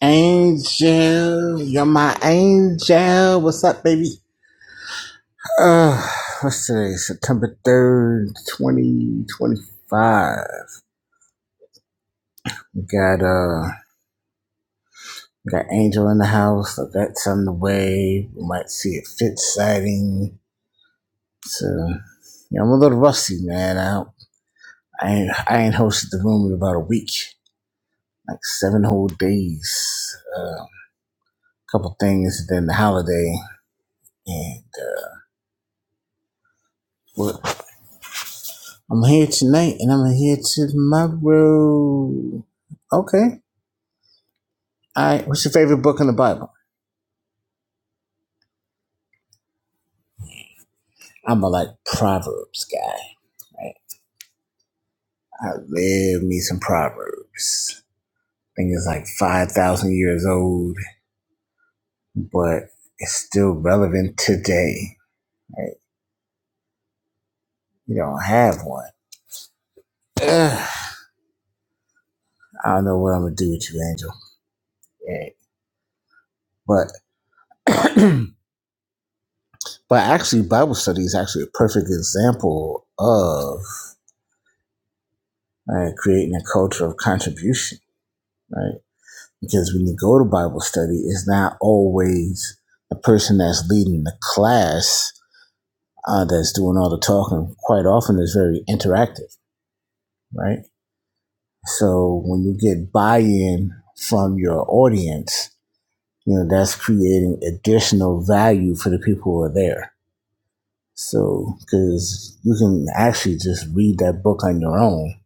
Angel, you're my angel. What's up, baby? Uh, what's today? September 3rd, 2025. Got, uh, got Angel in the house. I got on the way. We might see a fit sighting. So, you know, I'm a little rusty, man. I, I ain't, I ain't hosted the room in about a week. Like seven whole days. Uh, a couple things, then the holiday. And, uh, we'll, I'm here tonight and I'm here tomorrow. Okay. All right. What's your favorite book in the Bible? I'm a like Proverbs guy. Right? I live me some Proverbs. I think it's like 5,000 years old, but it's still relevant today. Right? You don't have one. Ugh. I don't know what I'm going to do with you, Angel. Yeah. But, but actually, Bible study is actually a perfect example of uh, creating a culture of contribution right? Because when you go to Bible study, it's not always the person that's leading the class uh, that's doing all the talking. Quite often, it's very interactive, right? So when you get buy-in from your audience, you know that's creating additional value for the people who are there. So because you can actually just read that book on your own,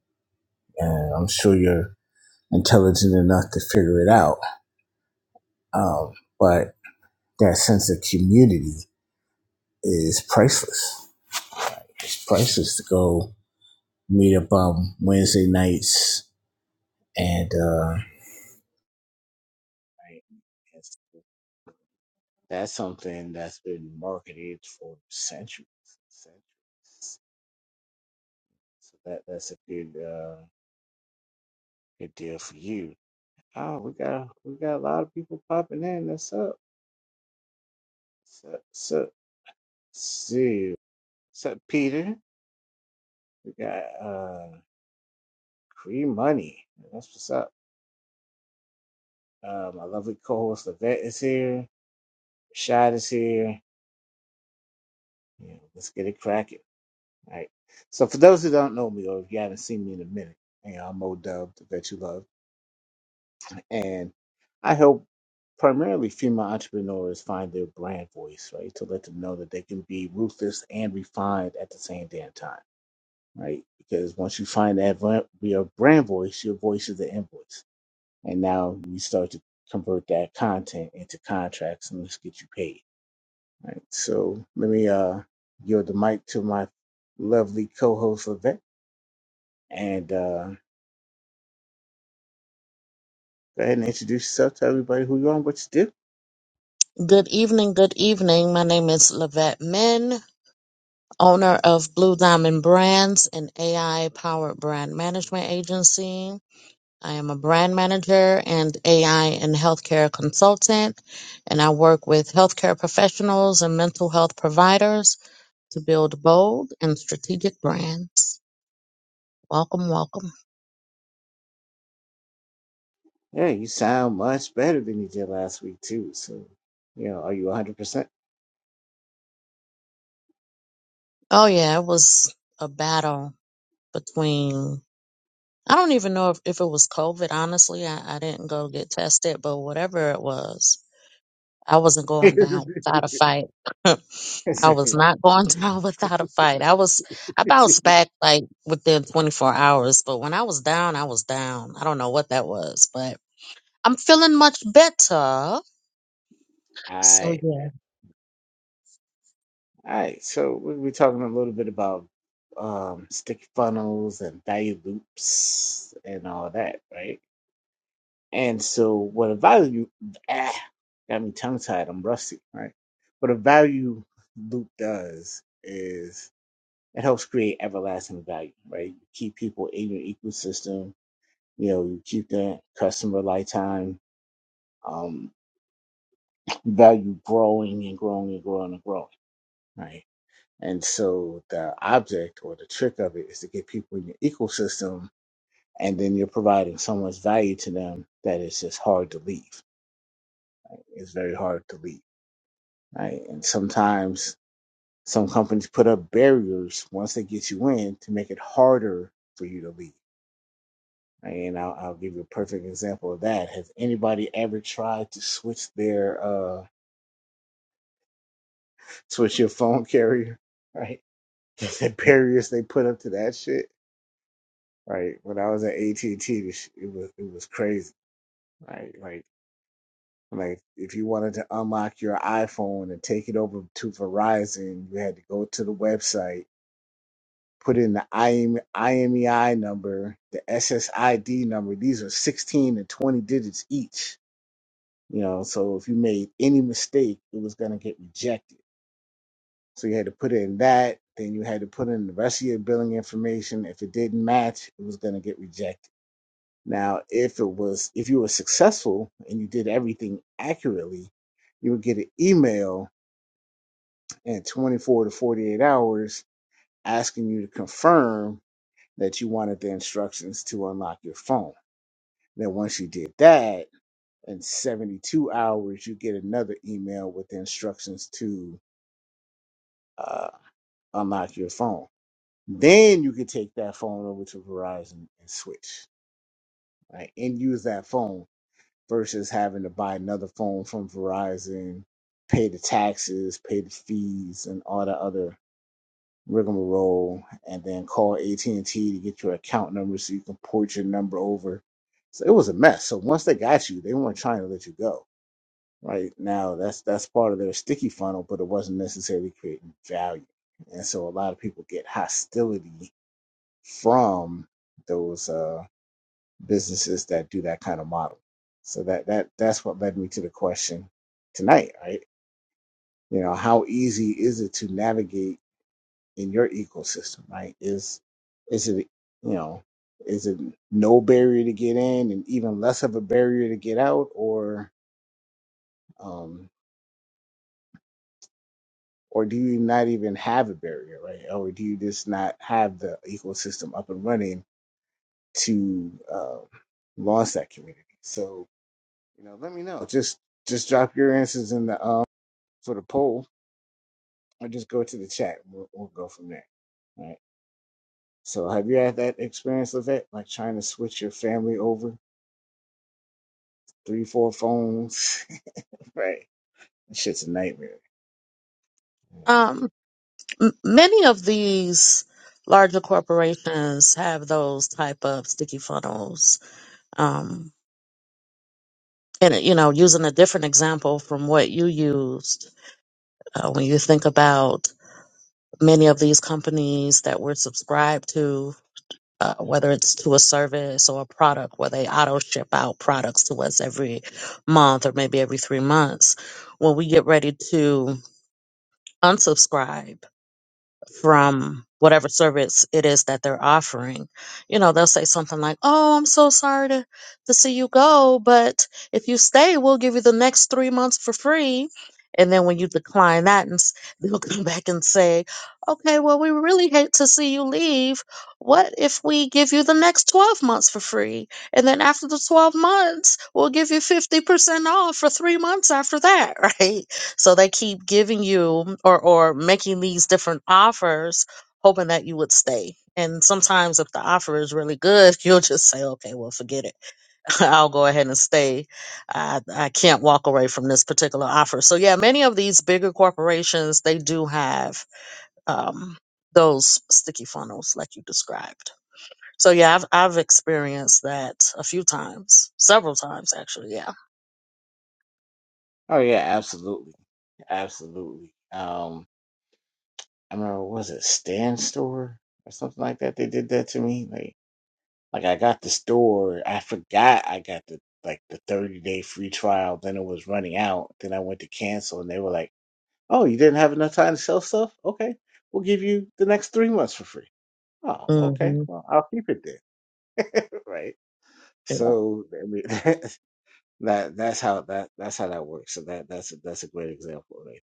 and I'm sure you're intelligent enough to figure it out. Um, but that sense of community is priceless. It's priceless to go meet up on Wednesday nights and uh, Right? that's something that's been marketed for centuries. centuries. So that that's a good uh, good deal for you. Oh, we got we got a lot of people popping in. That's up. So so see. What's up, Peter? We got uh Cree Money. That's what's up. Uh, my lovely co-host Levette is here. Shad is here. You know, let's get it cracking. All right. So for those who don't know me or if you haven't seen me in a minute, you know, I'm O Dub, the vet you love, and I help primarily female entrepreneurs find their brand voice, right? To let them know that they can be ruthless and refined at the same damn time, right? Because once you find that vo- your brand voice, your voice is the invoice, and now we start to convert that content into contracts and let's get you paid All right, so let me uh, yield the mic to my lovely co-host Levette, and uh, go ahead and introduce yourself. Tell everybody who you are and what you do. Good evening, good evening. My name is Lavette Min, owner of Blue Diamond Brands, an AI powered brand management agency. I am a brand manager and AI and healthcare consultant, and I work with healthcare professionals and mental health providers to build bold and strategic brands. Welcome, welcome. Yeah, you sound much better than you did last week too. So, you know, are you 100? percent Oh, yeah, it was a battle between I don't even know if, if it was COVID, honestly. I, I didn't go get tested, but whatever it was, I wasn't going down without a fight. I was not going down without a fight. I was, I bounced back like within 24 hours, but when I was down, I was down. I don't know what that was, but I'm feeling much better. All So right, yeah. all right. So we will be talking a little bit about um, sticky funnels and value loops and all that, right? And so what a value ah, got me tongue tied, I'm rusty, right? What a value loop does is it helps create everlasting value, right? You keep people in your ecosystem, you know, you keep the customer lifetime um value growing and growing and growing and growing, right? And so the object or the trick of it is to get people in your ecosystem and then you're providing so much value to them that it's just hard to leave. It's very hard to leave right? And sometimes some companies put up barriers once they get you in to make it harder for you to leave. Right? And I'll, I'll give you a perfect example of that. Has anybody ever tried to switch their uh switch your phone carrier? Right? the barriers they put up to that shit. Right? When I was at AT and T, it was it was crazy. Right? Like. Like if you wanted to unlock your iPhone and take it over to Verizon, you had to go to the website put in the IM, IMEI number, the SSID number. These are 16 and 20 digits each. You know, so if you made any mistake, it was going to get rejected. So you had to put in that. Then you had to put in the rest of your billing information. If it didn't match, it was going to get rejected. Now, if it was, if you were successful and you did everything accurately, you would get an email in 24 to 48 hours asking you to confirm that you wanted the instructions to unlock your phone. Then once you did that, in 72 hours, you get another email with the instructions to uh, unlock your phone. Then you could take that phone over to Verizon and switch, right? And use that phone versus having to buy another phone from Verizon, pay the taxes, pay the fees, and all the other rigmarole, and then call AT and T to get your account number so you can port your number over. So it was a mess. So once they got you, they weren't trying to let you go. Right now, that's that's part of their sticky funnel, but it wasn't necessarily creating value. And so a lot of people get hostility from those uh, businesses that do that kind of model. So that that that's what led me to the question tonight, right? You know, how easy is it to navigate? in your ecosystem, right? Is is it you know is it no barrier to get in and even less of a barrier to get out, or um, or do you not even have a barrier, right? Or do you just not have the ecosystem up and running to uh, launch that community? So you know, let me know. Just just drop your answers in the um, for the poll, or just go to the chat. And we'll, we'll go from there. Right. So have you had that experience with that? Like trying to switch your family over Three, four phones. right. That shit's a nightmare. Um, m- many of these larger corporations have those type of sticky funnels. Um, and you know using a different example from what you used uh, when you think about many of these companies that we're subscribed to uh, whether it's to a service or a product where they auto ship out products to us every month or maybe every three months when we get ready to unsubscribe from whatever service it is that they're offering. You know, they'll say something like, Oh, I'm so sorry to, to see you go, but if you stay, we'll give you the next three months for free. And then when you decline that, and s- they'll come back and say, Okay, well, we really hate to see you leave. What if we give you the next 12 months for free? And then after the 12 months, we'll give you 50% off for three months after that, right? So they keep giving you or or making these different offers, hoping that you would stay. And sometimes if the offer is really good, you'll just say, okay, well, forget it. I'll go ahead and stay. I, I can't walk away from this particular offer. So yeah, many of these bigger corporations, they do have um, those sticky funnels like you described. So yeah, I've I've experienced that a few times, several times actually. Yeah. Oh yeah, absolutely. Absolutely. Um I remember was it Stan store or something like that? They did that to me. Like like I got the store, I forgot I got the like the thirty day free trial, then it was running out. Then I went to cancel and they were like, Oh, you didn't have enough time to sell stuff? Okay. We'll give you the next three months for free. Oh, hmm okay. Well I'll keep it then. right. So I mean That that's how that that's how that works. So that that's that's a great example right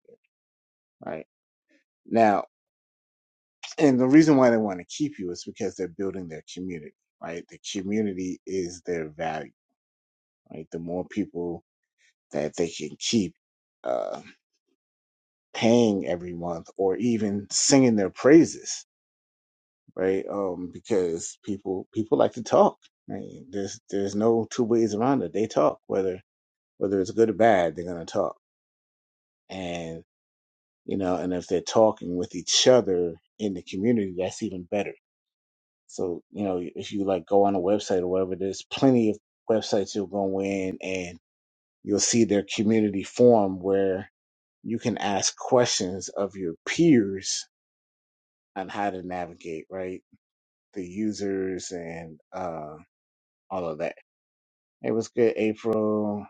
there. Right now, and the reason why they want to keep you is because they're building their community. Right, the community is their value. Right, the more people that they can keep uh, paying every month, or even singing their praises. Right, um, because people people like to talk. Right? There's there's no two ways around it. They talk whether whether it's good or bad. They're gonna talk and you know, and if they're talking with each other in the community, that's even better. So, you know, if you like go on a website or whatever, there's plenty of websites you'll go in and you'll see their community forum where you can ask questions of your peers on how to navigate, right? The users and uh, all of that. It was good, April.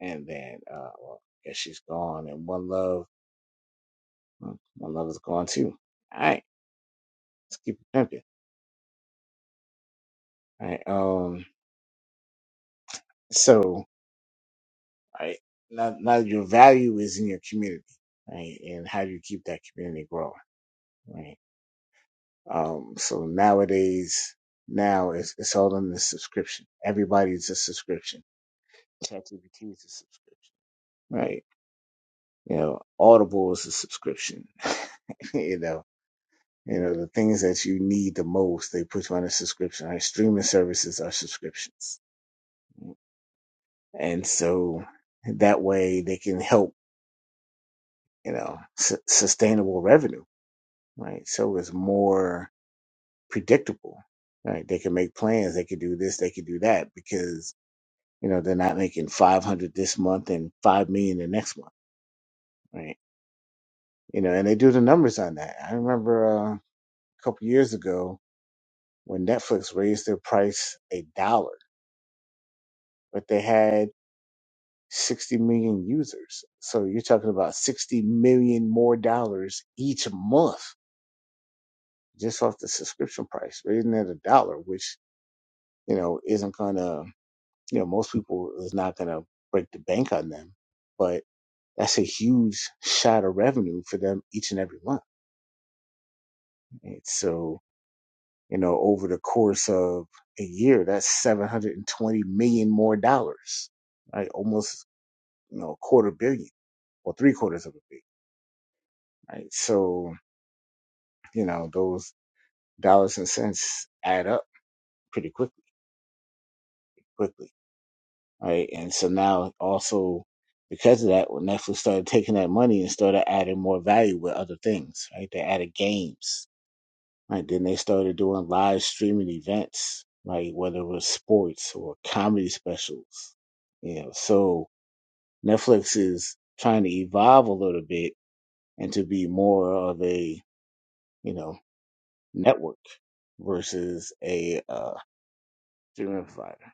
And then, uh, well, I guess she's gone. And one love, hmm, one love is gone too. All right, let's keep it pimping. right? Um, so right now, now your value is in your community, right? And how do you keep that community growing, right? Um, so nowadays, now it's, it's all in the subscription. Everybody's a subscription. ChatGPT is a subscription, right? You know, Audible is a subscription. you know, you know the things that you need the most, they put you on a subscription. Right? Streaming services are subscriptions, and so that way they can help you know, su- sustainable revenue, right? So it's more predictable, right? They can make plans. They can do this. They can do that because, you know, they're not making 500 this month and 5 million the next month, right? You know, and they do the numbers on that. I remember uh, a couple years ago when Netflix raised their price a dollar, but they had 60 million users. So you're talking about 60 million more dollars each month just off the subscription price, raising it a dollar, which you know, isn't gonna, you know, most people is not gonna break the bank on them, but that's a huge shot of revenue for them each and every month. And so, you know, over the course of a year, that's 720 million more dollars, right? Almost, you know, a quarter billion or three quarters of a billion, right? So, you know, those dollars and cents add up pretty quickly, quickly. right? And so now also because of that, when Netflix started taking that money and started adding more value with other things, right? They added games, right? Then they started doing live streaming events, like whether it was sports or comedy specials, you know. So Netflix is trying to evolve a little bit and to be more of a you know network versus a uh, streaming provider.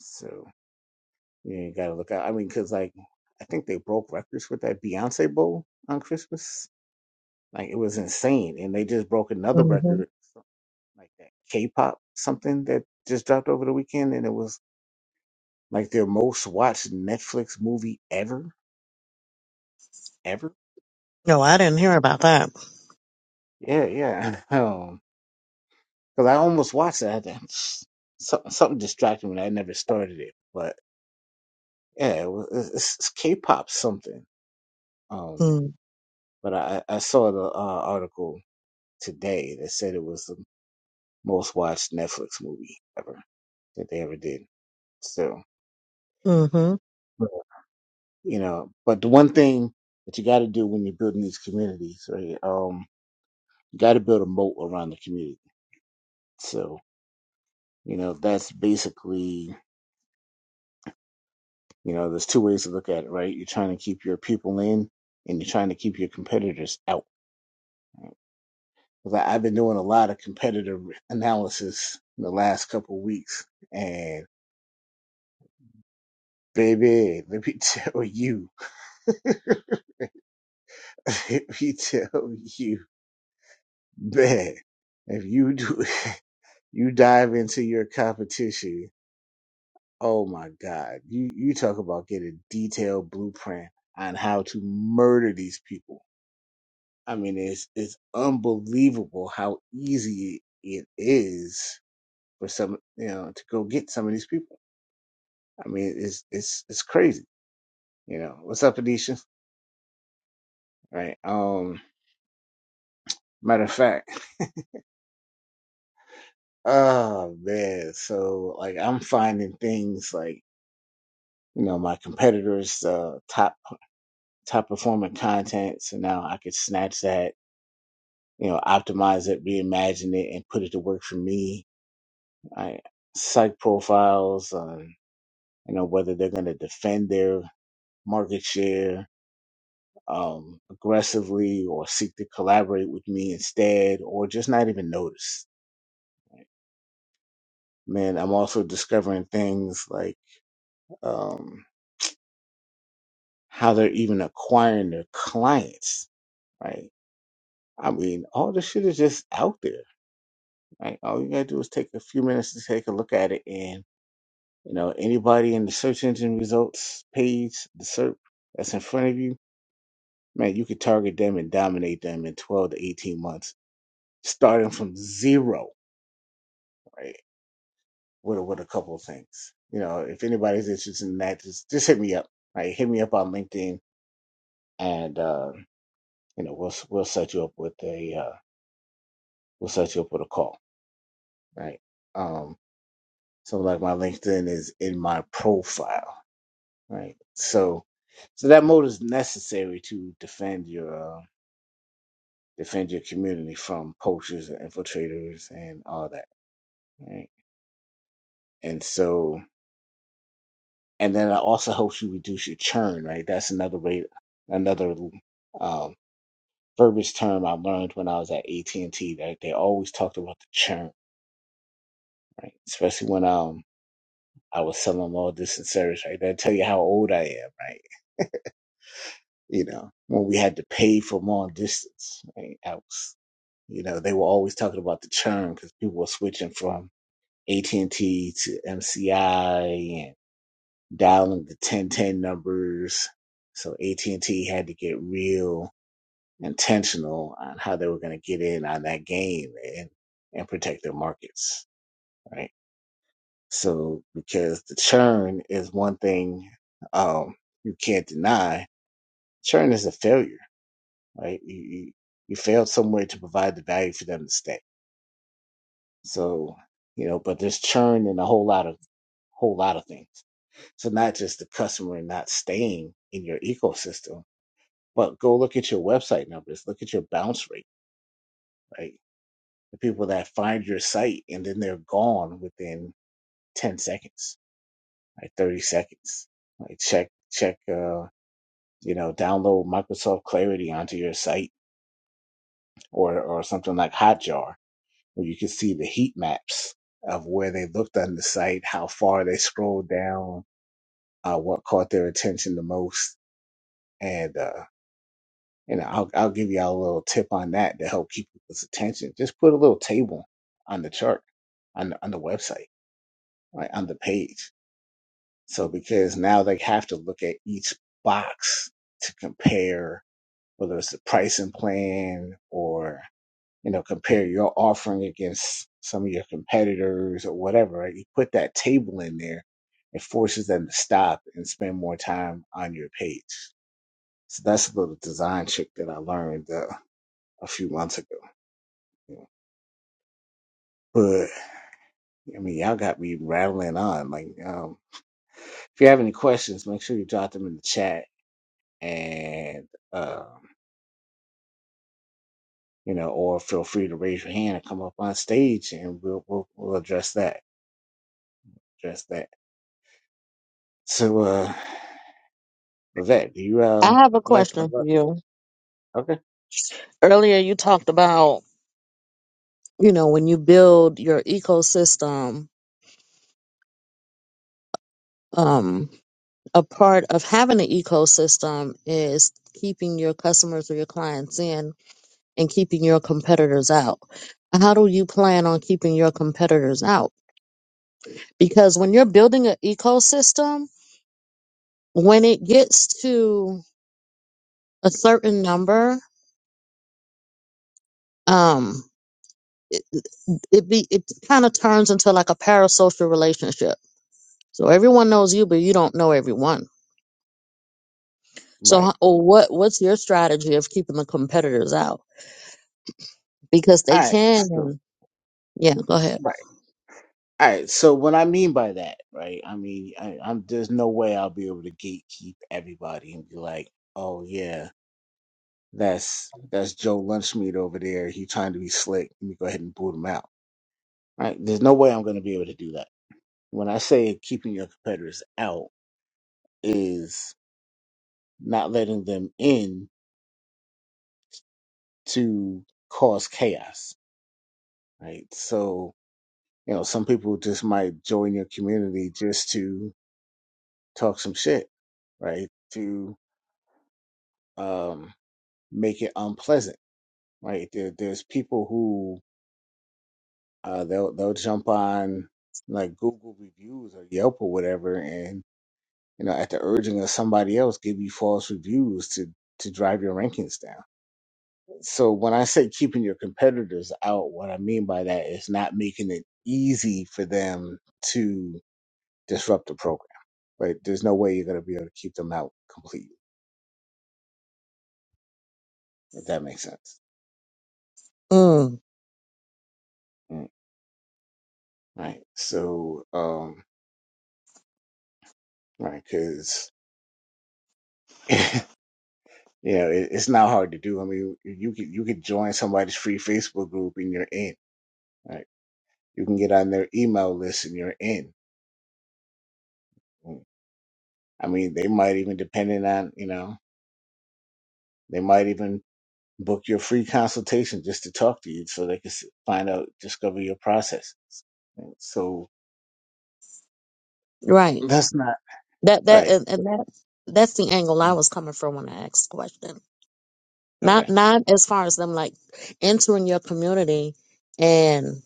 So. Yeah, you gotta look out. I mean, cause like I think they broke records with that Beyonce Bowl on Christmas. Like it was insane, and they just broke another hmm record, like that K-pop something that just dropped over the weekend, and it was like their most watched Netflix movie ever, ever. No, I Right. didn't hear about that. Yeah, yeah. Um, cause I almost watched that. Something, something distracted me. I never started it, but yeah, it was, it's, it's K-pop something. Um, but I, I I saw the uh, article today that said it was the most watched Netflix movie ever that they ever did. So, Mm-hmm. you know, but the one thing that you got to do when you're building these communities, right? Um, you got to build a moat around the community. So, you know, that's basically, you know, there's two ways to look at it, right? You're trying to keep your people in and you're trying to keep your competitors out. 'Cause I- I've been doing a lot of competitor analysis in the last couple of weeks and baby, let me tell you. Let me tell you man. if you do, you dive into your competition. Oh my God, you you talk about getting detailed blueprint on how to murder these people. I mean, it's it's unbelievable how easy it is for some you know to go get some of these people. I mean, it's it's it's crazy. You know what's up, Anisha? Right. Um. Matter of fact. Oh man, so like I'm finding things like you know my competitors' uh, top top performing content, so now I could snatch that, you know, optimize it, reimagine it, and put it to work for me. I psych profiles on you know whether they're going to defend their market share um, aggressively or seek to collaborate with me instead, or just not even notice. Man, I'm also discovering things like. Um, how they're even acquiring their clients, right? I mean, all this shit is just out there, right? All you gotta do is take a few minutes to take a look at it, and you know, anybody in the search engine results page, the SERP that's in front of you, man, you could target them and dominate them in 12 to 18 months, starting from zero, right? With a- with a couple of things, you know, if anybody's interested in that, just just hit me up, right? Hit me up on LinkedIn, and uh, you know, we'll we'll set you up with a uh, will set you up with a call, right? Um, so like my LinkedIn is in my profile, right? So, so that mode is necessary to defend your uh, defend your community from poachers and infiltrators and all that, right? And so, and then it also helps you reduce your churn, right? That's another way, another um, verbiage term I learned when I was at AT and T. That they always talked about the churn, right? Especially when um I was selling them long distance service, right? That'll tell you how old I am, right? You know, when we had to pay for long distance, right? I was, you know, they were always talking about the churn because people were switching from AT&T to MCI and dialing the 1010 numbers. So AT&T had to get real intentional on how they were going to get in on that game and, and protect their markets, right? So because the churn is one thing um, you can't deny, churn is a failure, right? You, you you failed somewhere to provide the value for them to stay. So you know, but there's churn in a whole lot of whole lot of things. So not just the customer not staying in your ecosystem, but go look at your website numbers, look at your bounce rate, right? The people that find your site and then they're gone within 10 seconds, like 30 seconds. Like check check. Uh, you know, download Microsoft Clarity onto your site or, or something like Hotjar, where you can see the heat maps of where they looked on the site, how far they scrolled down, uh, what caught their attention the most. And, uh, you know, I'll, I'll give y'all a little tip on that to help keep people's attention. Just put a little table on the chart, on the, on the website, right, on the page. So because now they have to look at each box to compare whether it's the pricing plan or you know, compare your offering against some of your competitors or whatever, right? You put that table in there, it forces them to stop and spend more time on your page. So that's a little design trick that I learned uh, a few months ago. you know. But I mean, y'all got me rattling on. Like, um, if you have any questions, make sure you drop them in the chat and, um, you know, or feel free to raise your hand and come up on stage and we'll, we'll, we'll address that, address that. So, uh, Vivek, do you uh I have a I'd like I'd question for like- you. okay. Earlier, you talked about you know when you build your ecosystem, um, a part of having an ecosystem is keeping your customers or your clients in and keeping your competitors out? How do you plan on keeping your competitors out? Because when you're building an ecosystem, when it gets to a certain number, um, it, it be it kind of turns into like a parasocial relationship. So everyone knows you, but you don't know everyone. So Right. ho- what what's your strategy of keeping the competitors out? Because they All right. So can. Yeah, go ahead. right. All right. So what I mean by that, right? I mean I, I'm there's no way I'll be able to gatekeep everybody and be like, oh yeah, that's that's Joe Lunchmeat over there. He trying to be slick. Let me go ahead and boot him out. Right? There's no way I'm gonna be able to do that. When I say keeping your competitors out is not letting them in to cause chaos. Right. So You know, some people just might join your community just to talk some shit, right? To um, make it unpleasant, right? There, there's people who uh, they'll they'll jump on like Google reviews or Yelp or whatever, and you know, at the urging of somebody else, give you false reviews to to drive your rankings down. So when I say keeping your competitors out, what I mean by that is not making it easy for them to. disrupt the program. Right? There's no way you're going to be able to keep them out completely, if that makes sense. Mm, Mm, Right. So, um, right, because you know it, it's not hard to do. I mean, you could you could join somebody's free Facebook group and you're in. Right. You can get on their email list and you're in. Mm. I mean, they might even, depending on you know, they might even book your free consultation just to talk to you, so they can s- find out, discover your processes. right? So right. that's not That all that right. and, and that that's the angle I was coming from when I asked the question. Okay. Not not as far as them like entering your community and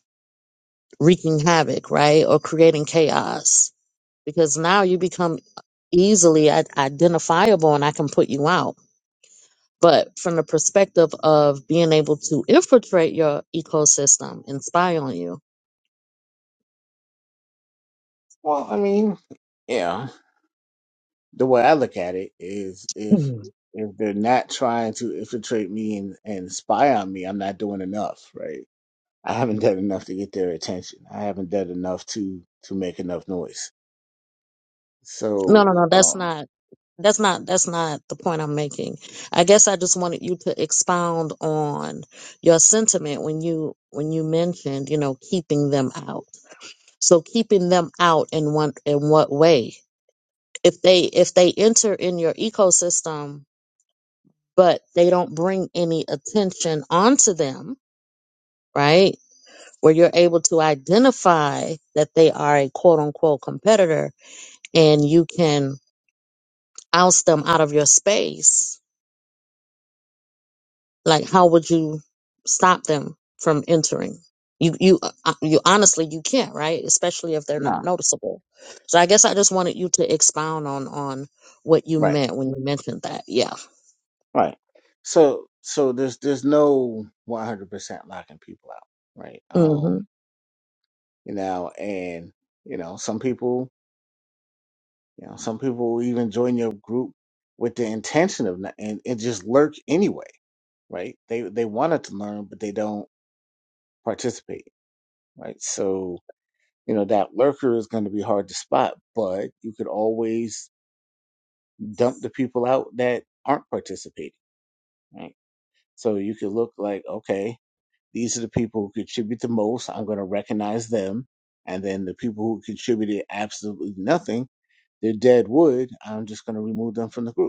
wreaking havoc, right? Or creating chaos. Because now you become easily i- identifiable and I can put you out. But from the perspective of being able to infiltrate your ecosystem and spy on you. Well, I mean, yeah. The way I look at it is if if they're not trying to infiltrate me and, and spy on me, I'm not doing enough, right? I haven't done enough to get their attention. I haven't done enough to to make enough noise. No, no, So, no. That's um, not. That's not. That's not the point I'm making. I guess I just wanted you to expound on your sentiment when you when you mentioned, you know, keeping them out. So keeping them out in one in what way? If they if they enter in your ecosystem, but they don't bring any attention onto them, right? Where you're able to identify that they are a quote unquote competitor, and you can oust them out of your space Like, how would you stop them from entering? You, you, uh, uh, you honestly, you can't, right? Especially if they're not nah, noticeable. So I guess I just wanted you to expound on, on what you right, meant when you mentioned that. Yeah. right. So, so there's there's no 100% locking people out, right? hmm Um, you know, and you know, some people. You know, some people will even join your group with the intention of not, and, and just lurk anyway, right? They they wanted to learn, but they don't participate, right? So you know that lurker is going to be hard to spot, but you could always dump the people out that aren't participating, right? So you could look like, okay, these are the people who contribute the most. I'm going to recognize them, and then the people who contributed absolutely nothing, they're dead wood. I'm just going to remove them from the group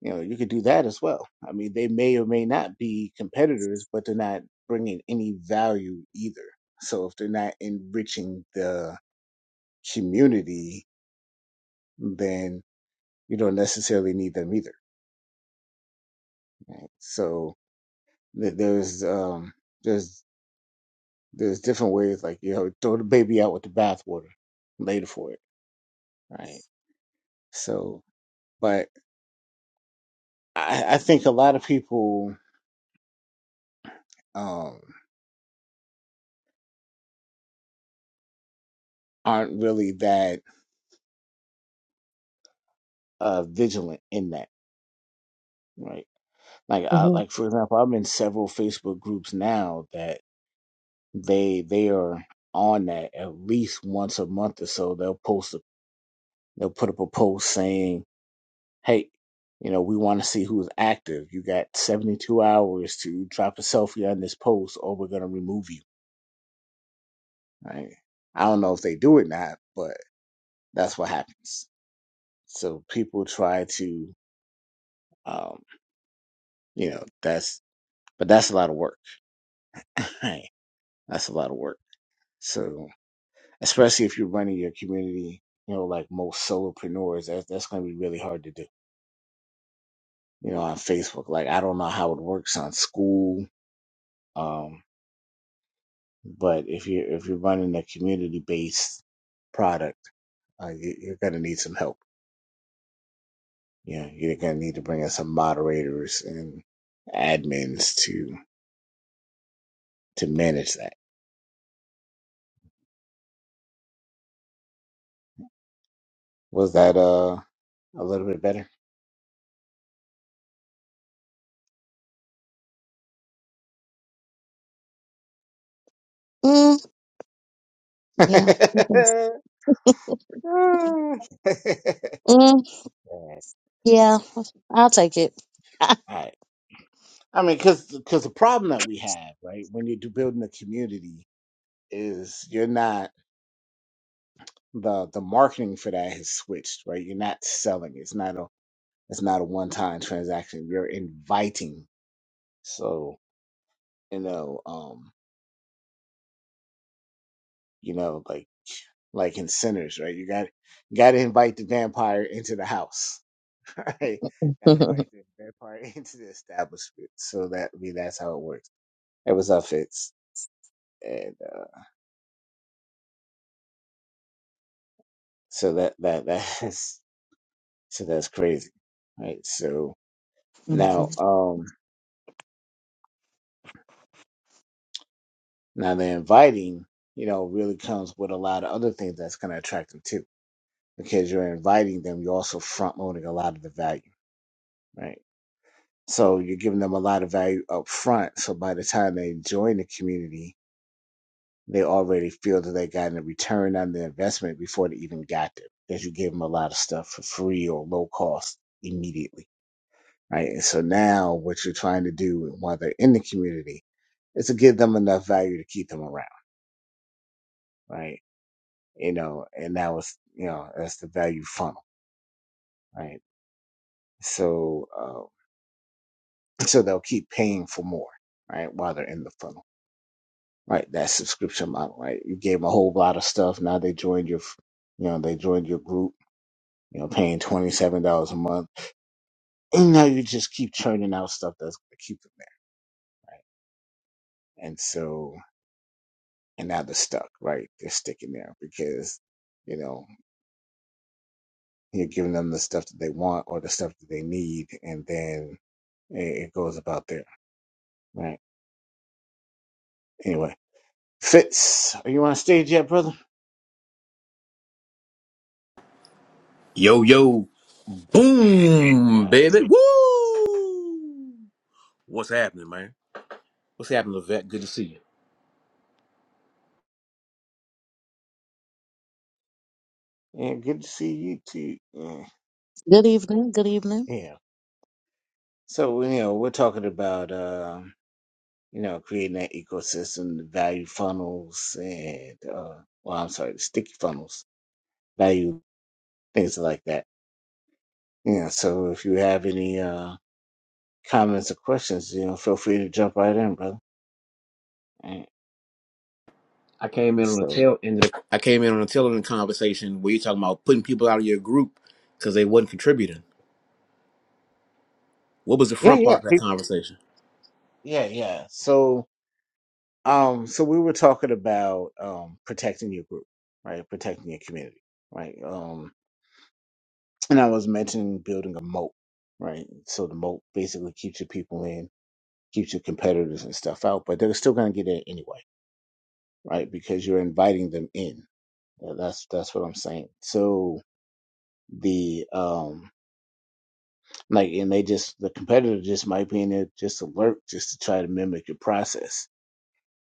you know you could do that as well i mean they may or may not be competitors but they're not bringing any value either so if they're not enriching the community then you don't necessarily need them either right? so th- there's um there's there's different ways like you know throw the baby out with the bathwater later for it right so but i i think a lot of people um aren't really that uh vigilant in that right like I, hmm like for example i'm in several facebook groups now that they they are on that at least once a month or so they'll post a, they'll put up a post saying hey you know we want to see who's active you got 72 hours to drop a selfie on this post or we're going to remove you right i don't know if they do it or not but that's what happens so people try to um you know that's but that's a lot of work right that's a lot of work So. especially if you're running your community, you know, like most solopreneurs, that's that's gonna be really hard to do, you know, on Facebook. Like I don't know how it works on school. Um, but if you if you're running a community based product, uh, you, you're gonna need some help. You know, you're gonna need to bring in some moderators and admins to to manage that. Was that uh a little bit better? Mm, yeah. Okay. Mm, All yeah. I'll take it. right. I mean, because because the problem that we have, right, when you're do- building a community, is you're not the the marketing for that has switched, right? You're not selling. It's not a it's not a one time transaction. You're inviting. So you know, um, you know, like like in sinners, right? You got you got to invite the vampire into the house, right? Got to invite the vampire into the establishment. So that I mean, that's how it works. It was up, Fitz, and uh, so that that that is. So that's crazy, right? So now, Mhm. um, now the inviting, you know, really comes with a lot of other things that's going to attract them too, because you're inviting them. You're also front loading a lot of the value, right? So you're giving them a lot of value up front. So by the time they join the community, they already feel that they got a return on the investment before they even got there, because you gave them a lot of stuff for free or low cost immediately right? And so now what you're trying to do while they're in the community is to give them enough value to keep them around, right? You know, and that was, you know, that's the value funnel, right? So, uh, so they'll keep paying for more, right? While they're in the funnel, right? That subscription model, right? You gave them a whole lot of stuff. Now they joined your, you know, they joined your group, you know, paying $27 a month. And now you just keep churning out stuff that's going to keep them there, right? And so, and now they're stuck, right? They're sticking there because, you know, you're giving them the stuff that they want or the stuff that they need, and then it, it goes about there, right? Anyway, Fitz, are you on stage yet, brother? Yo, yo, boom, Uh, baby. Woo! What's happening, man? What's happening, Levette? Good to see you. yeah, good to see you too. Yeah. Good evening. Good evening. yeah. So you know, we're talking about uh, you know, creating that ecosystem, the value funnels, and uh, well, I'm sorry, the sticky funnels, value things like that. Yeah. So if you have any uh comments or questions, you know, feel free to jump right in, brother. And I came in on the so tail end of the, I came in on the tail end of the conversation where you're talking about putting people out of your group because they wasn't contributing. What was the yeah, front yeah, part of that peop- conversation? yeah, yeah. So um, so we were talking about um protecting your group, right? Protecting your community, right? Um, and I was mentioning building a moat, right? So the moat basically keeps your people in, keeps your competitors and stuff out, but they're still gonna get in anyway, right? Because you're inviting them in. Uh, That's that's what I'm saying. So the um Like, and they just, the competitor just might be in there just to lurk, just to try to mimic your process.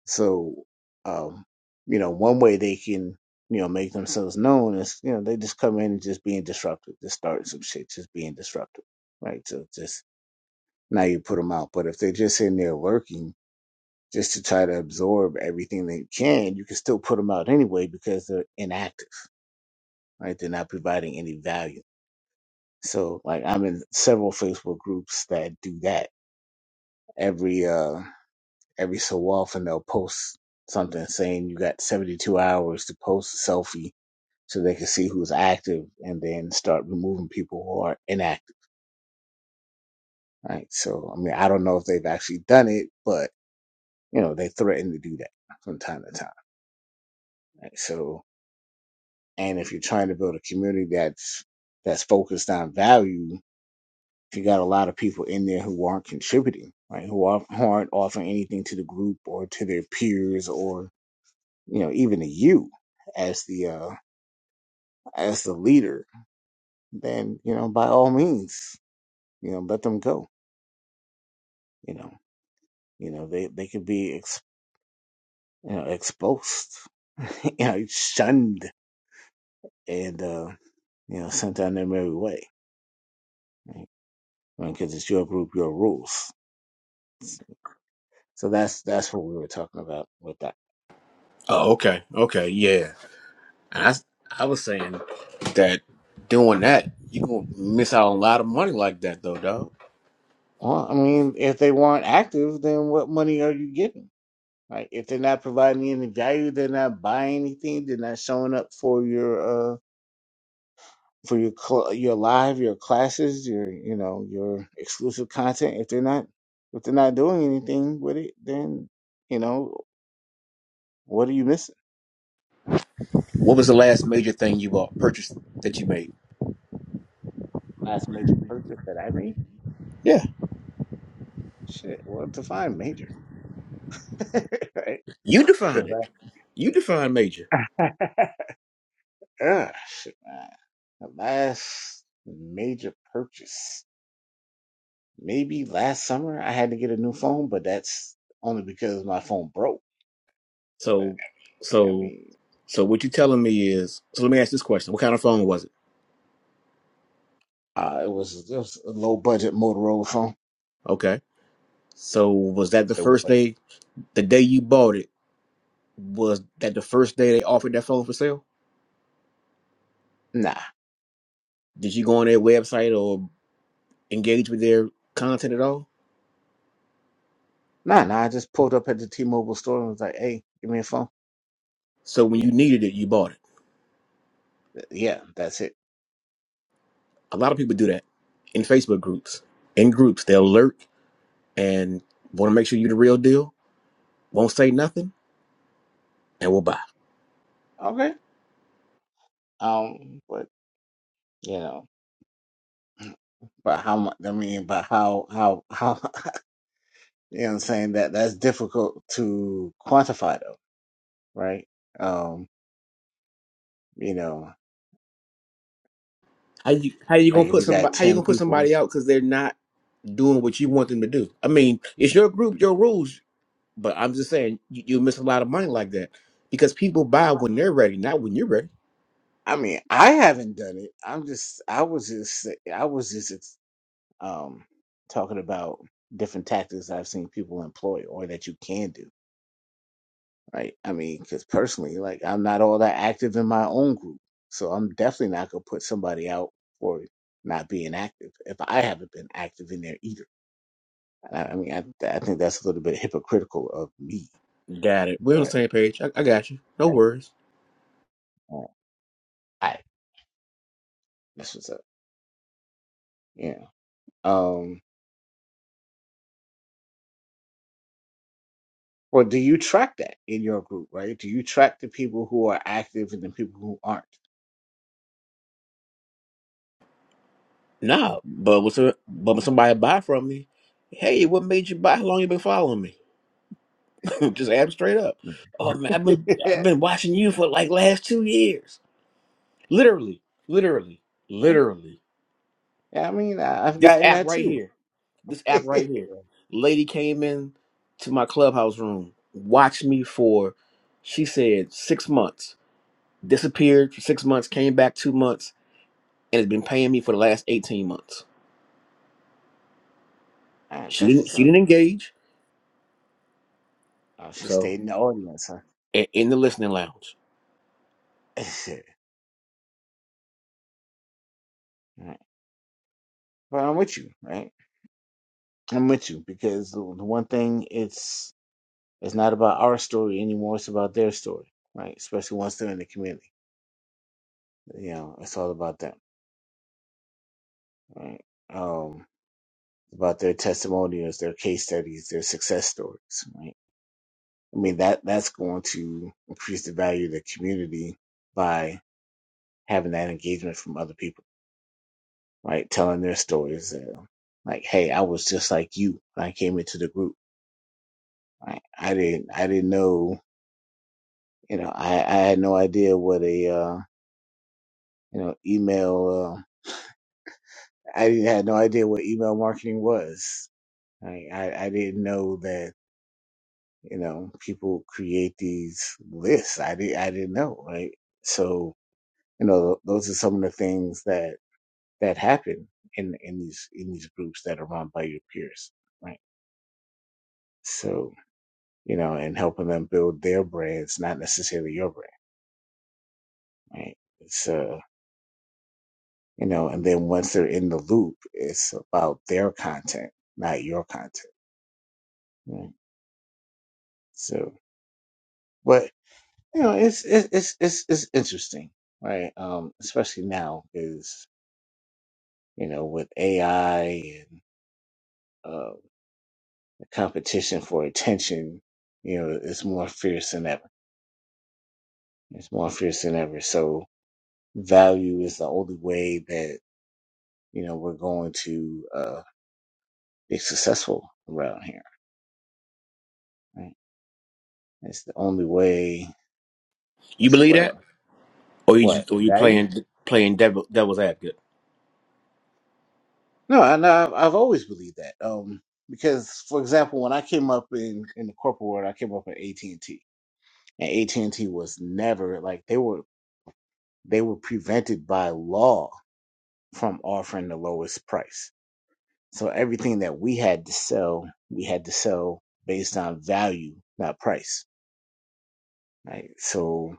So, um, you know, one way they can, you know, make themselves known is, you know, they just come in and just being disruptive, just starting some shit, just being disruptive, right? So just, now you put them out. But if they're just in there lurking, just to try to absorb everything they can, you can still put them out anyway because they're inactive, right? They're not providing any value. So like I'm in several Facebook groups that do that every uh every so often they'll post something saying you got 72 hours to post a selfie so they can see who's active and then start removing people who are inactive, right? So, I mean, I don't know if they've actually done it, but you know, they threaten to do that from time to time. Right? So, and if you're trying to build a community that's that's focused on value, you got a lot of people in there who aren't contributing, right? Who aren't, who aren't offering anything to the group or to their peers or you know even to you as the uh, as the leader, then you know by all means, you know let them go. You know, you know they they could be ex, you know exposed, you know shunned, and uh, you know sent on their merry way. Right? I mean, Because it's your group, your rules. So that's that's what we were talking about with that. Oh, okay. Okay, yeah. And I, s- I was saying that doing that, you're going to miss out on a lot of money like that, though, dog. Well, I mean, if they weren't active, then what money are you getting? Right? If they're not providing any value, they're not buying anything, they're not showing up for your uh, for your cl- your live, your classes, your you know your exclusive content. If they're not if they're not doing anything with it, then you know what are you missing? What was the last major thing you bought, purchased that you made? Last major purchase that I made, Yeah. shit. Well, define major, right? You defined 'Cause it. You define major. I, Ugh, shit, man. The last major purchase, maybe last summer, I had to get a new phone, but that's only because my phone broke. But So, I so, mean, so what you telling me is? So let me ask this question: What kind of phone was it? uh, it was it was a low budget Motorola phone. Okay. So was that the There first wasn't. day? The day you bought it was that the first day they offered that phone for sale? Nah, Did you go on their website or engage with their content at all? nah, nah. I just pulled up at the T-Mobile store and was like, "Hey, give me a phone." So when you Yeah, needed it, you bought it. th- yeah, that's it. A lot of people do that in Facebook groups. In groups, they'll lurk and want to make sure you're the real deal. Won't say nothing and will buy. Okay. Um, but you know, but how much? I mean, but how, how, how? You know, what I'm saying that that's difficult to quantify, though, right? Um, you know, How you how you like gonna if put you got somebody how you ten gonna put people. somebody out because they're not doing what you want them to do? I mean, it's your group, your rules, but I'm just saying you, you miss a lot of money like that because people buy when they're ready, not when you're ready. I mean, I haven't done it. I'm just, I was just, I was just, ex- um, talking about different tactics I've seen people employ or that you can do right? I mean, because personally, like I'm not all that active in my own group, so I'm definitely not gonna put somebody out for not being active if I haven't been active in there either. And I, I mean, I, I think that's a little bit hypocritical of me, Got it. We're on the but same page. I, I got you. No worries. uh, I that's what's up. Yeah. Um. Or do you track that in your group, right? Do you track the people who are active and the people who aren't? Nah, but what's a, but when somebody buy from me, hey, what made you buy? How long you been following me? just ask 'em straight up. Oh man, I've been I've yeah, been watching you for like last two years, literally, literally, literally. I mean, I, I've This gotten app that right too. here. This All app right here. Lady came in to my clubhouse room, watched me for, she said, six months. Disappeared for six months, came back two months, and has been paying me for the last 18 months. right, She that's didn't what's she up. didn't engage. Oh, she So stayed in the audience, huh? i- in the listening lounge. All right. But I'm with you, right? I'm with you because the the one thing it's it's not about our story anymore. It's about their story, right? Especially once they're in the community, you know, it's all about them, right? Um, about their testimonials, their case studies, their success stories, right? I mean that that's going to increase the value of the community by having that engagement from other people, right? Telling their stories, uh, like, "Hey, I was just like you. when I came into the group. Right? I didn't I didn't know." you know, I, I had no idea what a uh, you know email. Uh, I had no idea what email marketing was. I, I I didn't know that you know people create these lists. I did I didn't know right. So you know those are some of the things that that happen in in these in these groups that are run by your peers, right? So you know, and helping them build their brands, not necessarily your brand, right? It's uh you know and then once they're in the loop it's about their content not your content right so but you know it's it's it's it's, it's interesting right um especially now is you know with ai and uh the competition for attention you know it's more fierce than ever it's more fierce than ever so value is the only way that you know we're going to uh be successful around here right it's the only way You believe whatsoever. that, or you What just, or you value? playing playing devil devil's advocate? No, and I've, I've always believed that. Um, because for example, when I came up in in the corporate world, I came up at AT and T, and AT and T was never like they were they were prevented by law from offering the lowest price. So everything that we had to sell, we had to sell based on value, not price. Right. So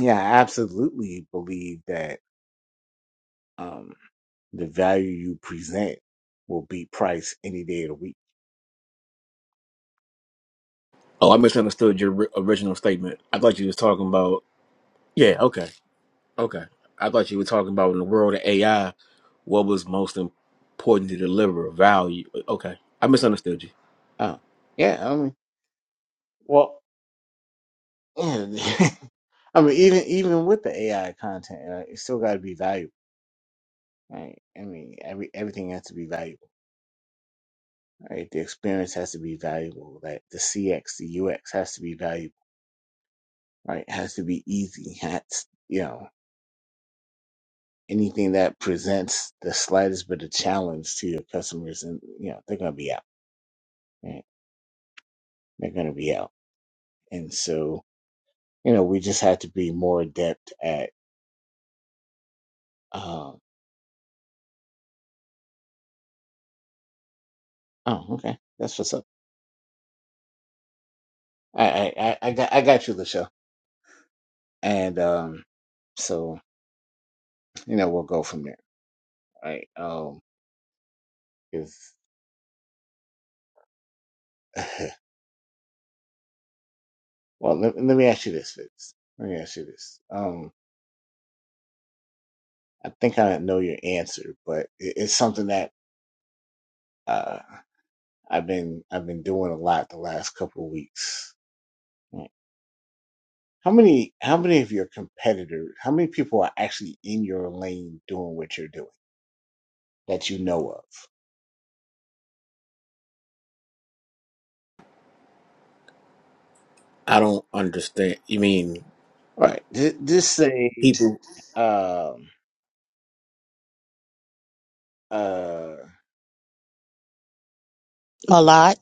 yeah, I absolutely believe that um the value you present will beat price any day of the week. Oh, I misunderstood your ri- original statement. I thought you was talking about yeah. Okay, okay. I thought you were talking about in the world of AI, what was most important to deliver value. Okay, I misunderstood you. Oh, yeah, I mean. Well, yeah, I mean, even even with the AI content, right, it still got to be valuable, right? I mean, every everything has to be valuable, right? The experience has to be valuable. Like the CX, the UX has to be valuable, right? It has to be easy. Has you know anything that presents the slightest bit of challenge to your customers, and you know they're gonna be out, right? They're gonna be out, and so you know we just have to be more adept at. Um, oh, okay, that's what's up. I I I I got I got you, Lachelle. and um, so you know we'll go from there, right? Um, is well, let, let me ask you this, Fitz. Let me ask you this. Um, I think I know your answer, but it, it's something that uh, I've been I've been doing a lot the last couple of weeks. Right. How many how many of your competitors? How many people are actually in your lane doing what you're doing that you know of? I don't understand. You mean Right. Th- Just say people? um uh A lot.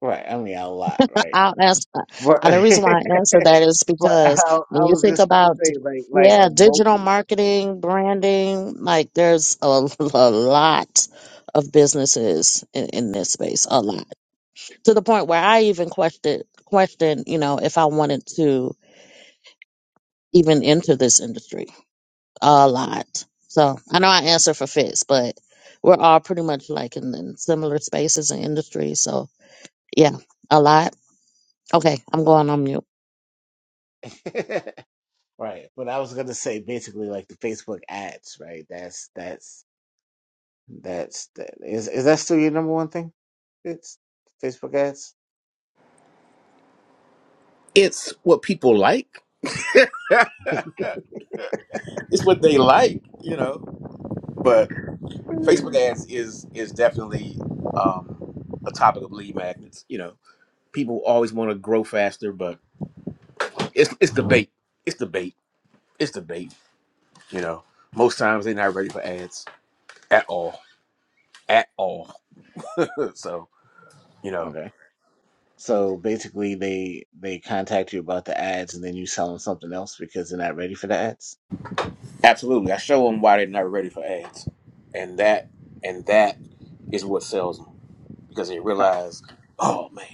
right. I mean a lot, right? I'll answer. Uh, the But reason why I answer that is But I, because when I you was think just gonna about, d- say like like yeah, digital local, marketing, branding, like there's a, a lot of businesses in, in this space, a lot to the point where I even questioned, questioned, you know, if I wanted to even enter this industry, a lot. So I know I answer for Fitz, but we're all pretty much like in, in similar spaces and industries. So yeah, a lot. Okay, I'm going on mute. right? right. But I was gonna say basically like the Facebook ads, right? That's that's that's that is is that still your number one thing? It's Facebook ads. It's what people like. it's what they like, you know. But Facebook Mm. ads is is definitely um, a topic of lead magnets, you know. people always want to grow faster, but it's it's debate. It's debate. It's debate. You know, most times they're not ready for ads at all, at all. so you know, Okay. So basically, they they contact you about the ads, and then you sell them something else because they're not ready for the ads. absolutely, I show them why they're not ready for ads, and that and that is what sells them because they Right. realize, oh man,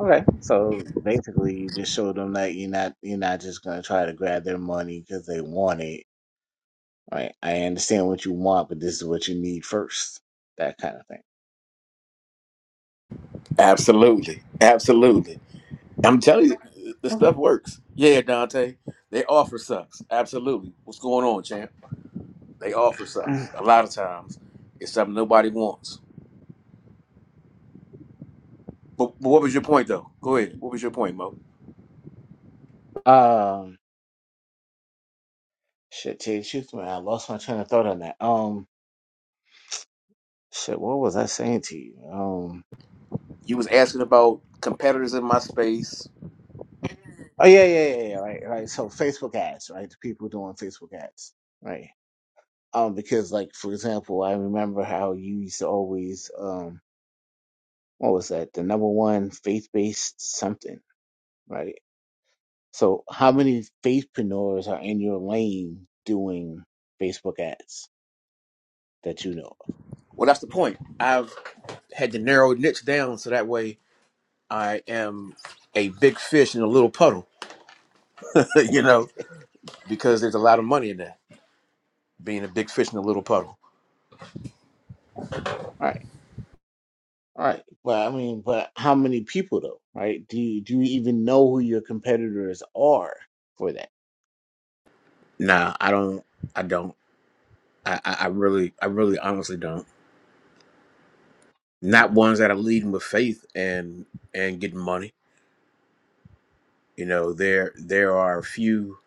Okay. So basically, you just show them that you're not you're not just gonna try to grab their money because they want it Right? I understand what you want, but this is what you need first. That kind of absolutely, absolutely. I'm telling you, the thing. stuff works. Yeah, Dante, they offer sucks. Absolutely, what's going on, champ? They offer Okay. sucks. A lot of times, it's something nobody wants But, but what was your point though? Go ahead. What was your point, Mo? Um, shit, tell you the truth, man, I lost my train of thought on that. Um, shit, what was I saying to you? Um, You was asking about competitors in my space. oh yeah, yeah, yeah, yeah, right, right. So Facebook ads, right? The people doing Facebook ads, right? Um, because like for example, I remember how you used to always um, what was that? The number one faith based something, right? So how many faithpreneurs are in your lane doing Facebook ads? that you know of. Well, that's the point. I've had to narrow niche down so that way I am a big fish in a little puddle. you know, because there's a lot of money in that being a big fish in a little puddle. Right, right. But I mean, but how many people though? Right? Do you do you even know who your competitors are for that? Nah, I don't. I don't. I, I I really, I really, honestly don't. Not Okay. ones that are leading with faith and and getting money. You know, there there are a few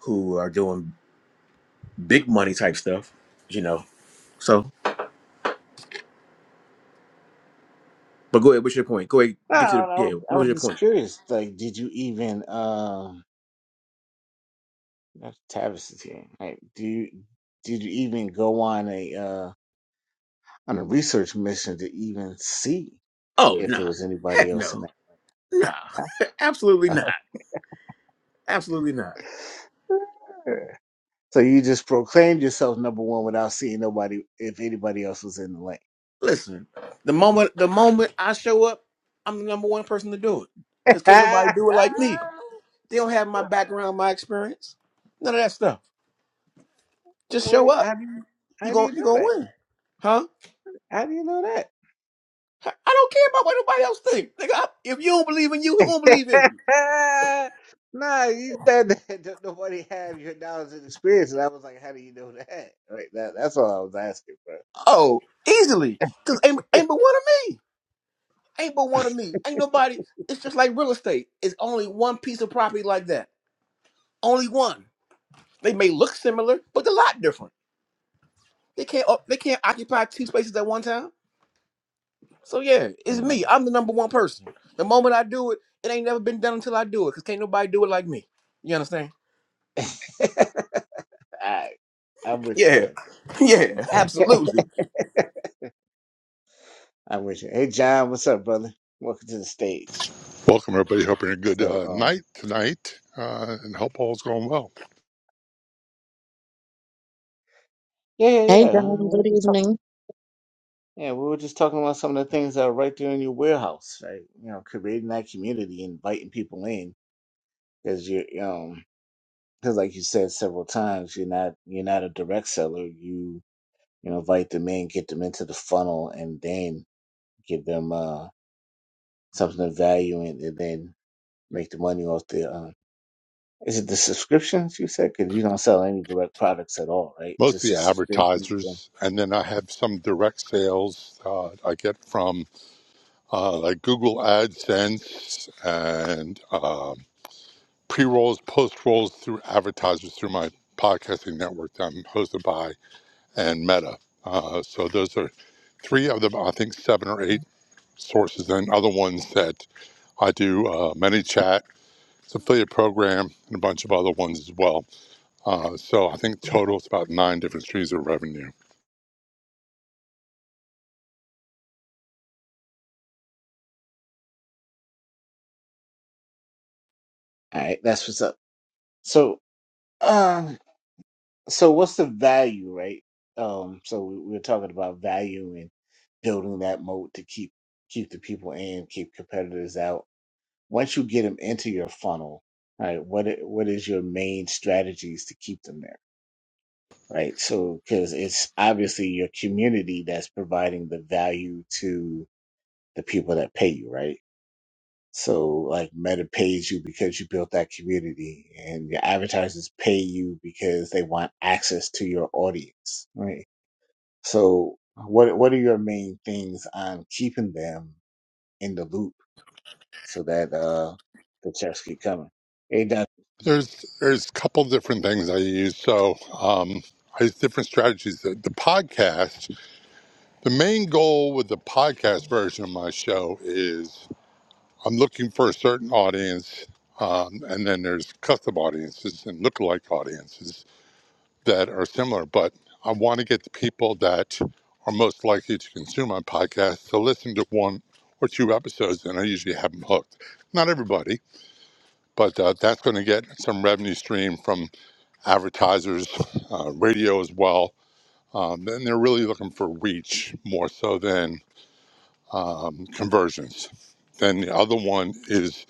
who are doing big money type stuff. You know, So, but go ahead. What's your point? Go ahead. No, no, Get to the no, I yeah. was I What was was your just point? curious. Like, did you even um? That's Tavis is here. Like, do you did you even go on a uh on a research mission to even see Oh if there nah, was anybody heck else no, in that? nah, absolutely not, absolutely not. So you just proclaimed yourself number one without seeing nobody if anybody else was in the Listen, the moment the moment I show up, I'm the number one person to do it because can't lane. nobody do it like me. They don't have my background, my experience, none of that stuff. Just Well, show up. how do you You how do gon' you you know gonna that? win, huh? How do you know I don't care about what nobody else think. Nigga, I- if you don't believe in you, who gonna believe in you? that? nah, you said that don't nobody have your knowledge and experience, and I was like, how do you know that? Right, that that's all I was asking, bro. Oh, easily, cause ain't ain't but one of me. Ain't but one of me. Ain't nobody. It's just like real estate. It's only one piece of property like that. Only one. They may look similar, but they're a lot different. They can't. uh, They can't occupy two spaces at one time. So yeah, it's Hmm. me. I'm the number one person. The moment I do it, it ain't never been done until I do it. Cause can't nobody do it like me. You understand? all right, I'm with you, Yeah. bro. Yeah. Absolutely. I'm with you. Hey, John, what's up, brother? Welcome to the stage. Welcome, everybody. Hope you're having a good So, uh, um, night tonight uh, and hope all's going well. yeah, yeah, yeah. Hey, uh, John. We were Good just talking. evening. Yeah, we were just talking about some of the things that are right there in your warehouse, right? You know, creating that community, inviting people in, because you, um. because like you said several times you're not you're not a direct seller you you know, invite them in get them into the funnel and then give them uh something of value and, and then make the money off the uh is it the subscriptions you said because you don't sell any direct products at all right Most of just the the subscriptions, subscription advertisers, and then I have some direct sales uh, I get from uh, like Google AdSense and um pre rolls, post rolls through advertisers through my podcasting network that I'm hosted by and Meta. Uh, so those are three of them, I think seven or eight sources, and other ones that I do uh, ManyChat It's an affiliate program and a bunch of other ones as well. Uh, so I think total it's about nine different streams of revenue. all right that's what's up so um so what's the value right um so we we we're talking about value and building that moat to keep keep the people in keep competitors out once you get them into your funnel, right? What i- what is your main strategies to keep them there, right? So because it's obviously your community that's providing the value to the people that pay you, right? So like Meta pays you because you built that community, and your advertisers pay you because they want access to your audience, right? So what what are your main things on keeping them in the loop so that uh the checks keep coming? Hey, Doc, There's there's a couple different things I use. So um, I use different strategies. The, the podcast, the main goal with the podcast version of my show is I'm looking for a certain audience, um, and then there's custom audiences and lookalike audiences. that are similar, but I want to get the people that are most likely to consume my podcast to listen to one or two episodes, and I usually have them hooked. Not everybody, but uh, that's going to get some revenue stream from advertisers, uh, radio as well. Um, and they're really looking for reach more so than um, conversions. Then the other one is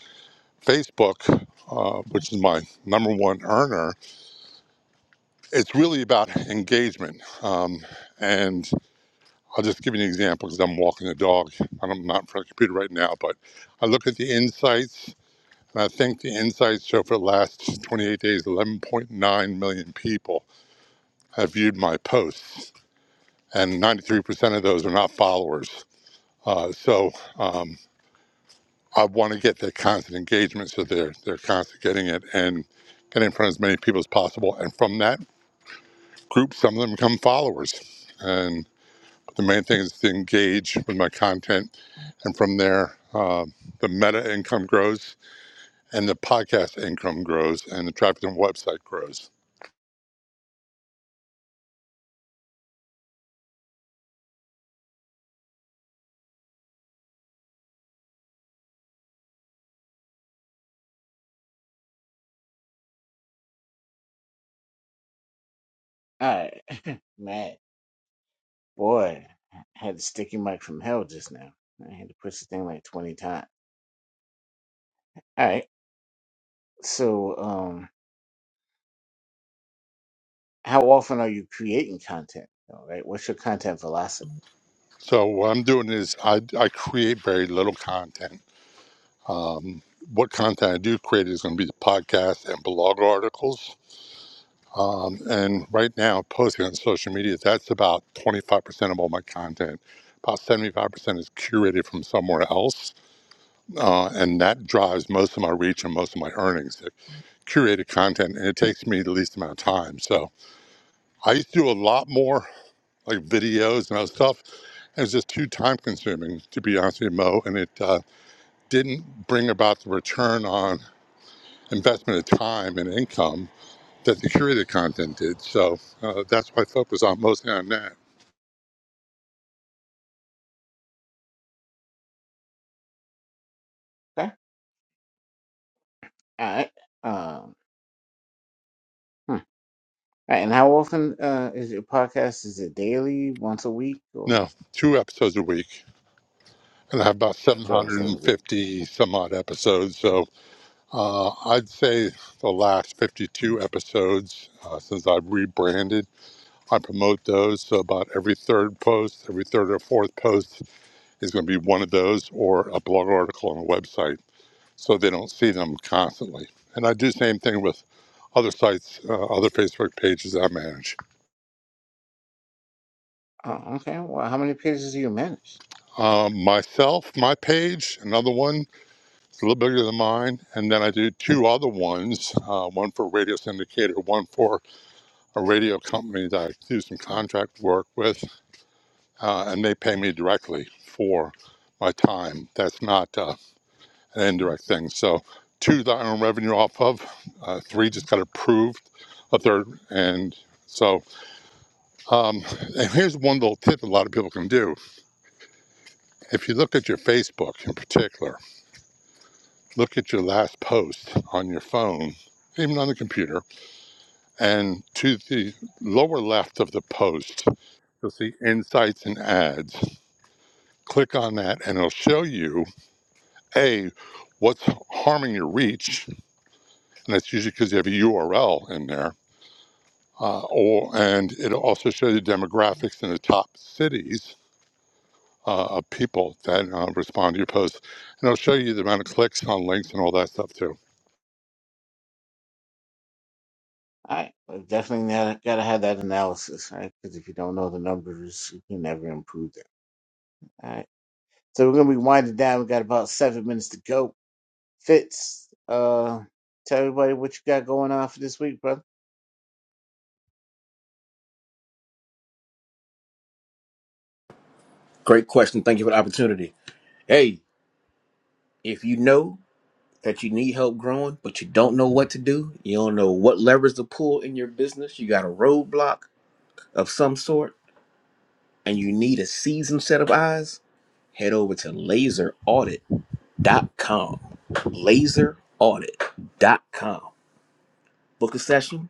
Facebook, uh, which is my number one earner. It's really about engagement. Um, and I'll just give you an example because I'm walking the dog. I'm not in front of the computer right now, but I look at the insights, and I think the insights show for the last 28 days, 11.9 million people have viewed my posts, and 93% of those are not followers. Uh, so um, I want to get that constant engagement, so they're they're constantly getting it and getting in front of as many people as possible. And from that group, some of them become followers, and The main thing is to engage with my content. And from there, uh, the meta income grows and the podcast income grows and the traffic on the website grows. All right, Matt, boy, I had a sticky mic from hell just now. I had to push the thing like 20 times. All right, so um, how often are you creating content? All right, what's your content velocity? So what I'm doing is I, I create very little content. What content I do create is going to be the podcast and blog articles. Um, and right now, posting on social media, that's about 25% of all my content. About 75% is curated from somewhere else uh, and that drives most of my reach and most of my earnings. The Curated content, and it takes me the least amount of time. So I used to do a lot more like videos and other stuff. It was just too time consuming, to be honest with you, Mo, and it uh, didn't bring about the return on investment of time and income that the curated content did. So uh, that's what I focus on mostly on that. Okay, all right. Um, hmm. All right, and how often uh, is your podcast? Is it daily, once a week, or Now, two episodes a week, and I have about two episodes a week? 750 Okay. some odd episodes. So Uh, I'd say the last 52 episodes uh, since I've rebranded, I promote those. So about every third post, every third or fourth post is going to be one of those or a blog article on a website so they don't see them constantly. And I do the same thing with other sites, uh, other Facebook pages I manage. Oh, okay. Well, how many pages do you manage? Um, myself, my page, another one, it's a little bigger than mine. And then I do two other ones, uh, one for Radio Syndicator, one for a radio company that I do some contract work with, uh, and they pay me directly for my time. That's not uh, an indirect thing. So, two that I earn revenue off of, uh, three just got approved, a third, and so um, and here's one little tip a lot of people can do. If you look at your Facebook in particular, look at your last post on your phone, even on the computer, and to the lower left of the post, you'll see insights and ads click on that and it'll show you a what's harming your reach and that's usually because you have a url in there uh, or and it'll also show you demographics in the top cities uh, of people that uh, respond to your posts and it'll show you the amount of clicks on links and all that stuff too All right, well, definitely gotta, gotta have that analysis, right? Because if you don't know the numbers, you can never improve them. So we're gonna be winding down. We got about seven minutes to go. Fitz, uh, tell everybody what you got going on for this week, brother. Great question. Thank you for the opportunity. Hey, if you know that you need help growing, but you don't know what to do, you don't know what levers to pull in your business, you got a roadblock of some sort and you need a seasoned set of eyes, head over to laseraudit.com. Laseraudit.com. Book a session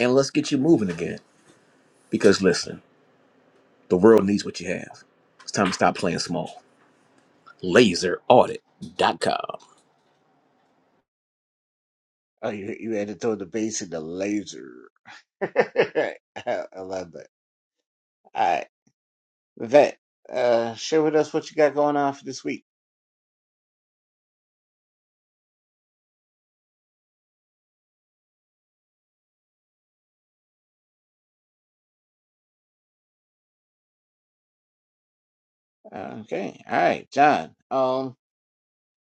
and let's get you moving again. Because listen, the world needs what you have. It's time to stop playing small. Laseraudit.com. Oh, you you had to throw the bass and the laser. I I love that. All right, Vet, uh, share with us what you got going on for this week. Okay, all right, John. Um,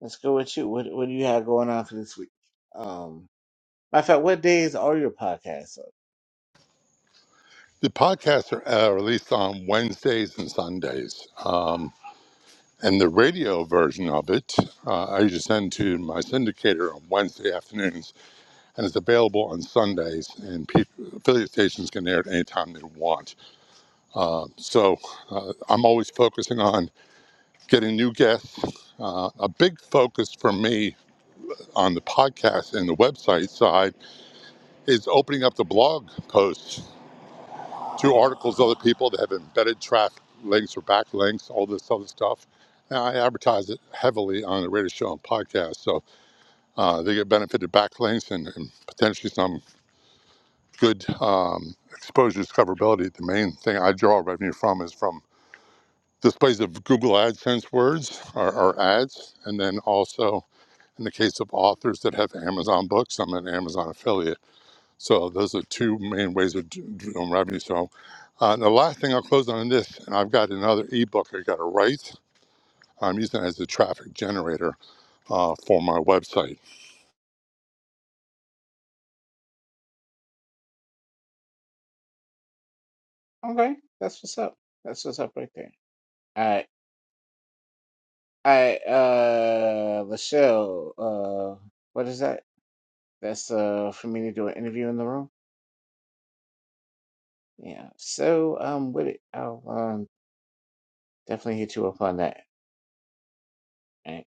let's go with you. What what do you have going on for this week? Um, matter of fact, what days are your podcasts? up? the podcasts are uh, released on wednesdays and sundays um, and the radio version of it uh, i usually send to my syndicator on wednesday afternoons and it's available on Sundays. And pe- affiliate stations can air it anytime they want. So uh, I'm always focusing on getting new guests. Uh, a big focus for me on the podcast and the website side is opening up the blog posts to articles of other people that have embedded traffic links or backlinks, all this other stuff. And I advertise it heavily on the radio show and podcast, so uh, they get benefited backlinks and, and potentially some good um, exposure discoverability, the main thing I draw revenue from is from displays of Google AdSense words or, or ads. And then also in the case of authors that have Amazon books, I'm an Amazon affiliate. So those are two main ways of d- doing revenue. So uh, the last thing I'll close on this, and I've got another ebook I got to write. I'm using it as a traffic generator uh, for my website. Okay, that's what's up. That's what's up right there. All right. I uh Lachelle, uh what is that? That's uh for me to do an interview in the room. Yeah. So um with it, I'll um definitely hit you up on that. Right.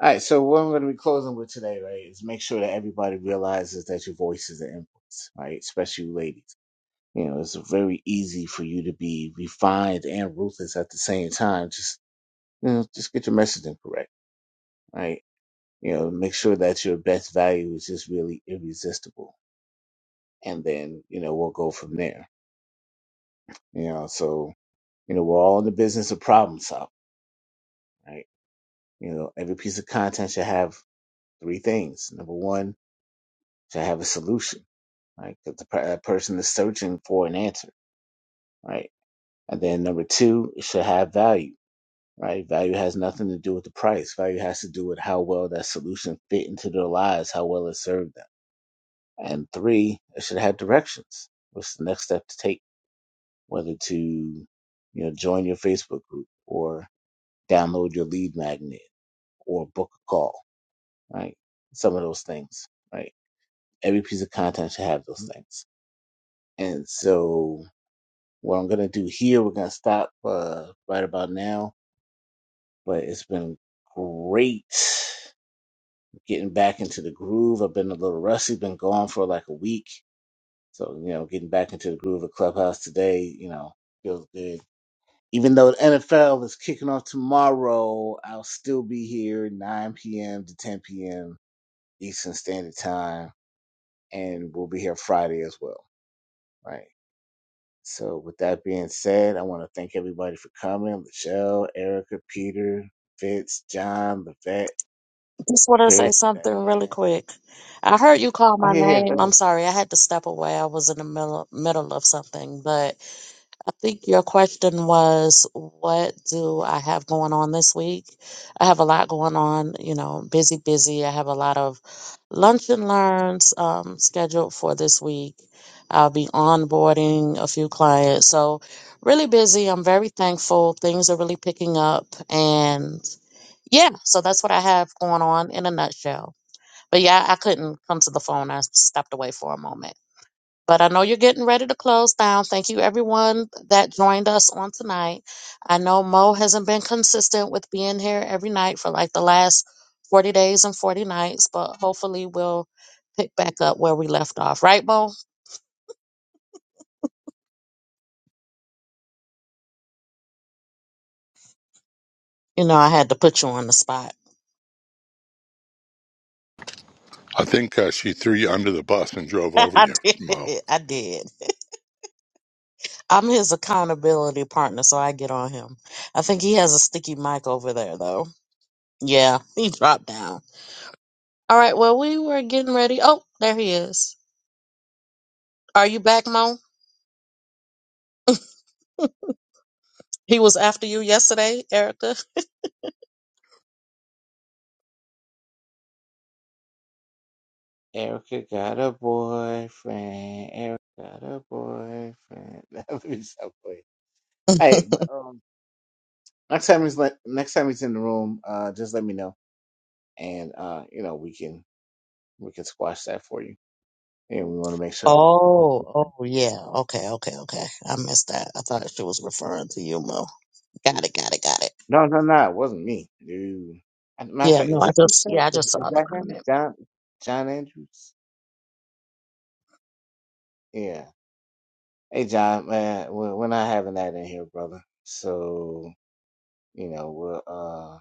All right, so what I'm gonna be closing with today, right, is make sure that everybody realizes that your voice is an influence, right? Especially you ladies. You know, it's very easy for you to be refined and ruthless at the same time. Just you know, just get your messaging correct, right? You know, make sure that your best value is just really irresistible and then you know we'll go from there. You know, so you know we're all in the business of problem solving, right? You know, every piece of content should have three things. Number one, should have a solution, right? That the per- that person is searching for an answer, right? And then number two, it should have value, right? Value has nothing to do with the price. Value has to do with how well that solution fit into their lives, how well it served them. And three, it should have directions. What's the next step to take? whether to you know join your Facebook group or download your lead magnet or book a call, right? Some of those things, right? Every piece of content should have those things. And so what I'm gonna do here, we're gonna stop uh, right about now. But it's been great getting back into the groove. I've been a little rusty, been gone for like a week. So, you know, getting back into the groove of Clubhouse today, you know, feels good Even though the NFL is kicking off tomorrow, I'll still be here 9 p.m. to 10 p.m. Eastern Standard Time, and we'll be here Friday as well. Right. So, with that being said, I want to thank everybody for coming Michelle, Erica, Peter, Fitz, John, Levette, Just want to say Chris, something really Diane. quick. I heard you call Oh, my yeah, yeah, go name. ahead. I'm sorry. I had to step away. I was in the middle, middle of something. But I think your question was, what do I have going on this week? I have a lot going on, you know, busy, busy. I have a lot of lunch and learns um, scheduled for this week. I'll be onboarding a few clients. So, really busy. I'm very thankful. Things are really picking up. And yeah, so that's what I have going on in a nutshell. But yeah, I couldn't come to the phone. I stepped away for a moment. But I know you're getting ready to close down. Thank you, everyone that joined us on tonight. I know Mo hasn't been consistent with being here every night for like the last 40 days and 40 nights, but hopefully we'll pick back up where we left off. Right, Mo? You know, I had to put you on the spot. I think uh, she threw you under the bus and drove over I you, did. Mo. I did. I'm his accountability partner, so I get on him. I think he has a sticky mic over there, though. Yeah, he dropped down. All right, well, we were getting ready. Oh, there he is. Are you back, Mo? He was after you yesterday, Erica. Erica got a boyfriend. Erica got a boyfriend. That would be so funny. Hey, but um, Next time he's let, next time he's in the room, uh, just let me know, and uh, you know we can we can squash that for you. And we want to make sure that we protect oh, this thing. oh, yeah. Okay, okay, okay. I missed that. I thought she was referring to you, Mo. Got it, got it, got it. No, no, no, it wasn't me, dude. As a matter of Yeah, fact, no, is I this this just, guy? yeah, I Is, just is saw the that comment. him, John John Andrews? Yeah. Hey, John, man, we're, we're not having that in here, brother. So you know we'll uh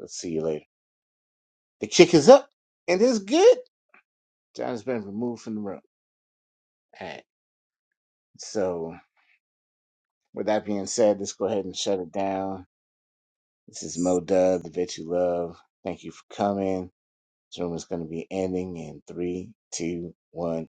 let's see you later. The kick is up, and it's good. John's been removed from the room. All right. So with that being said, let's go ahead and shut it down. This is Mo Dub, the bitch you love. Thank you for coming. This room is going to be ending in three, two, one.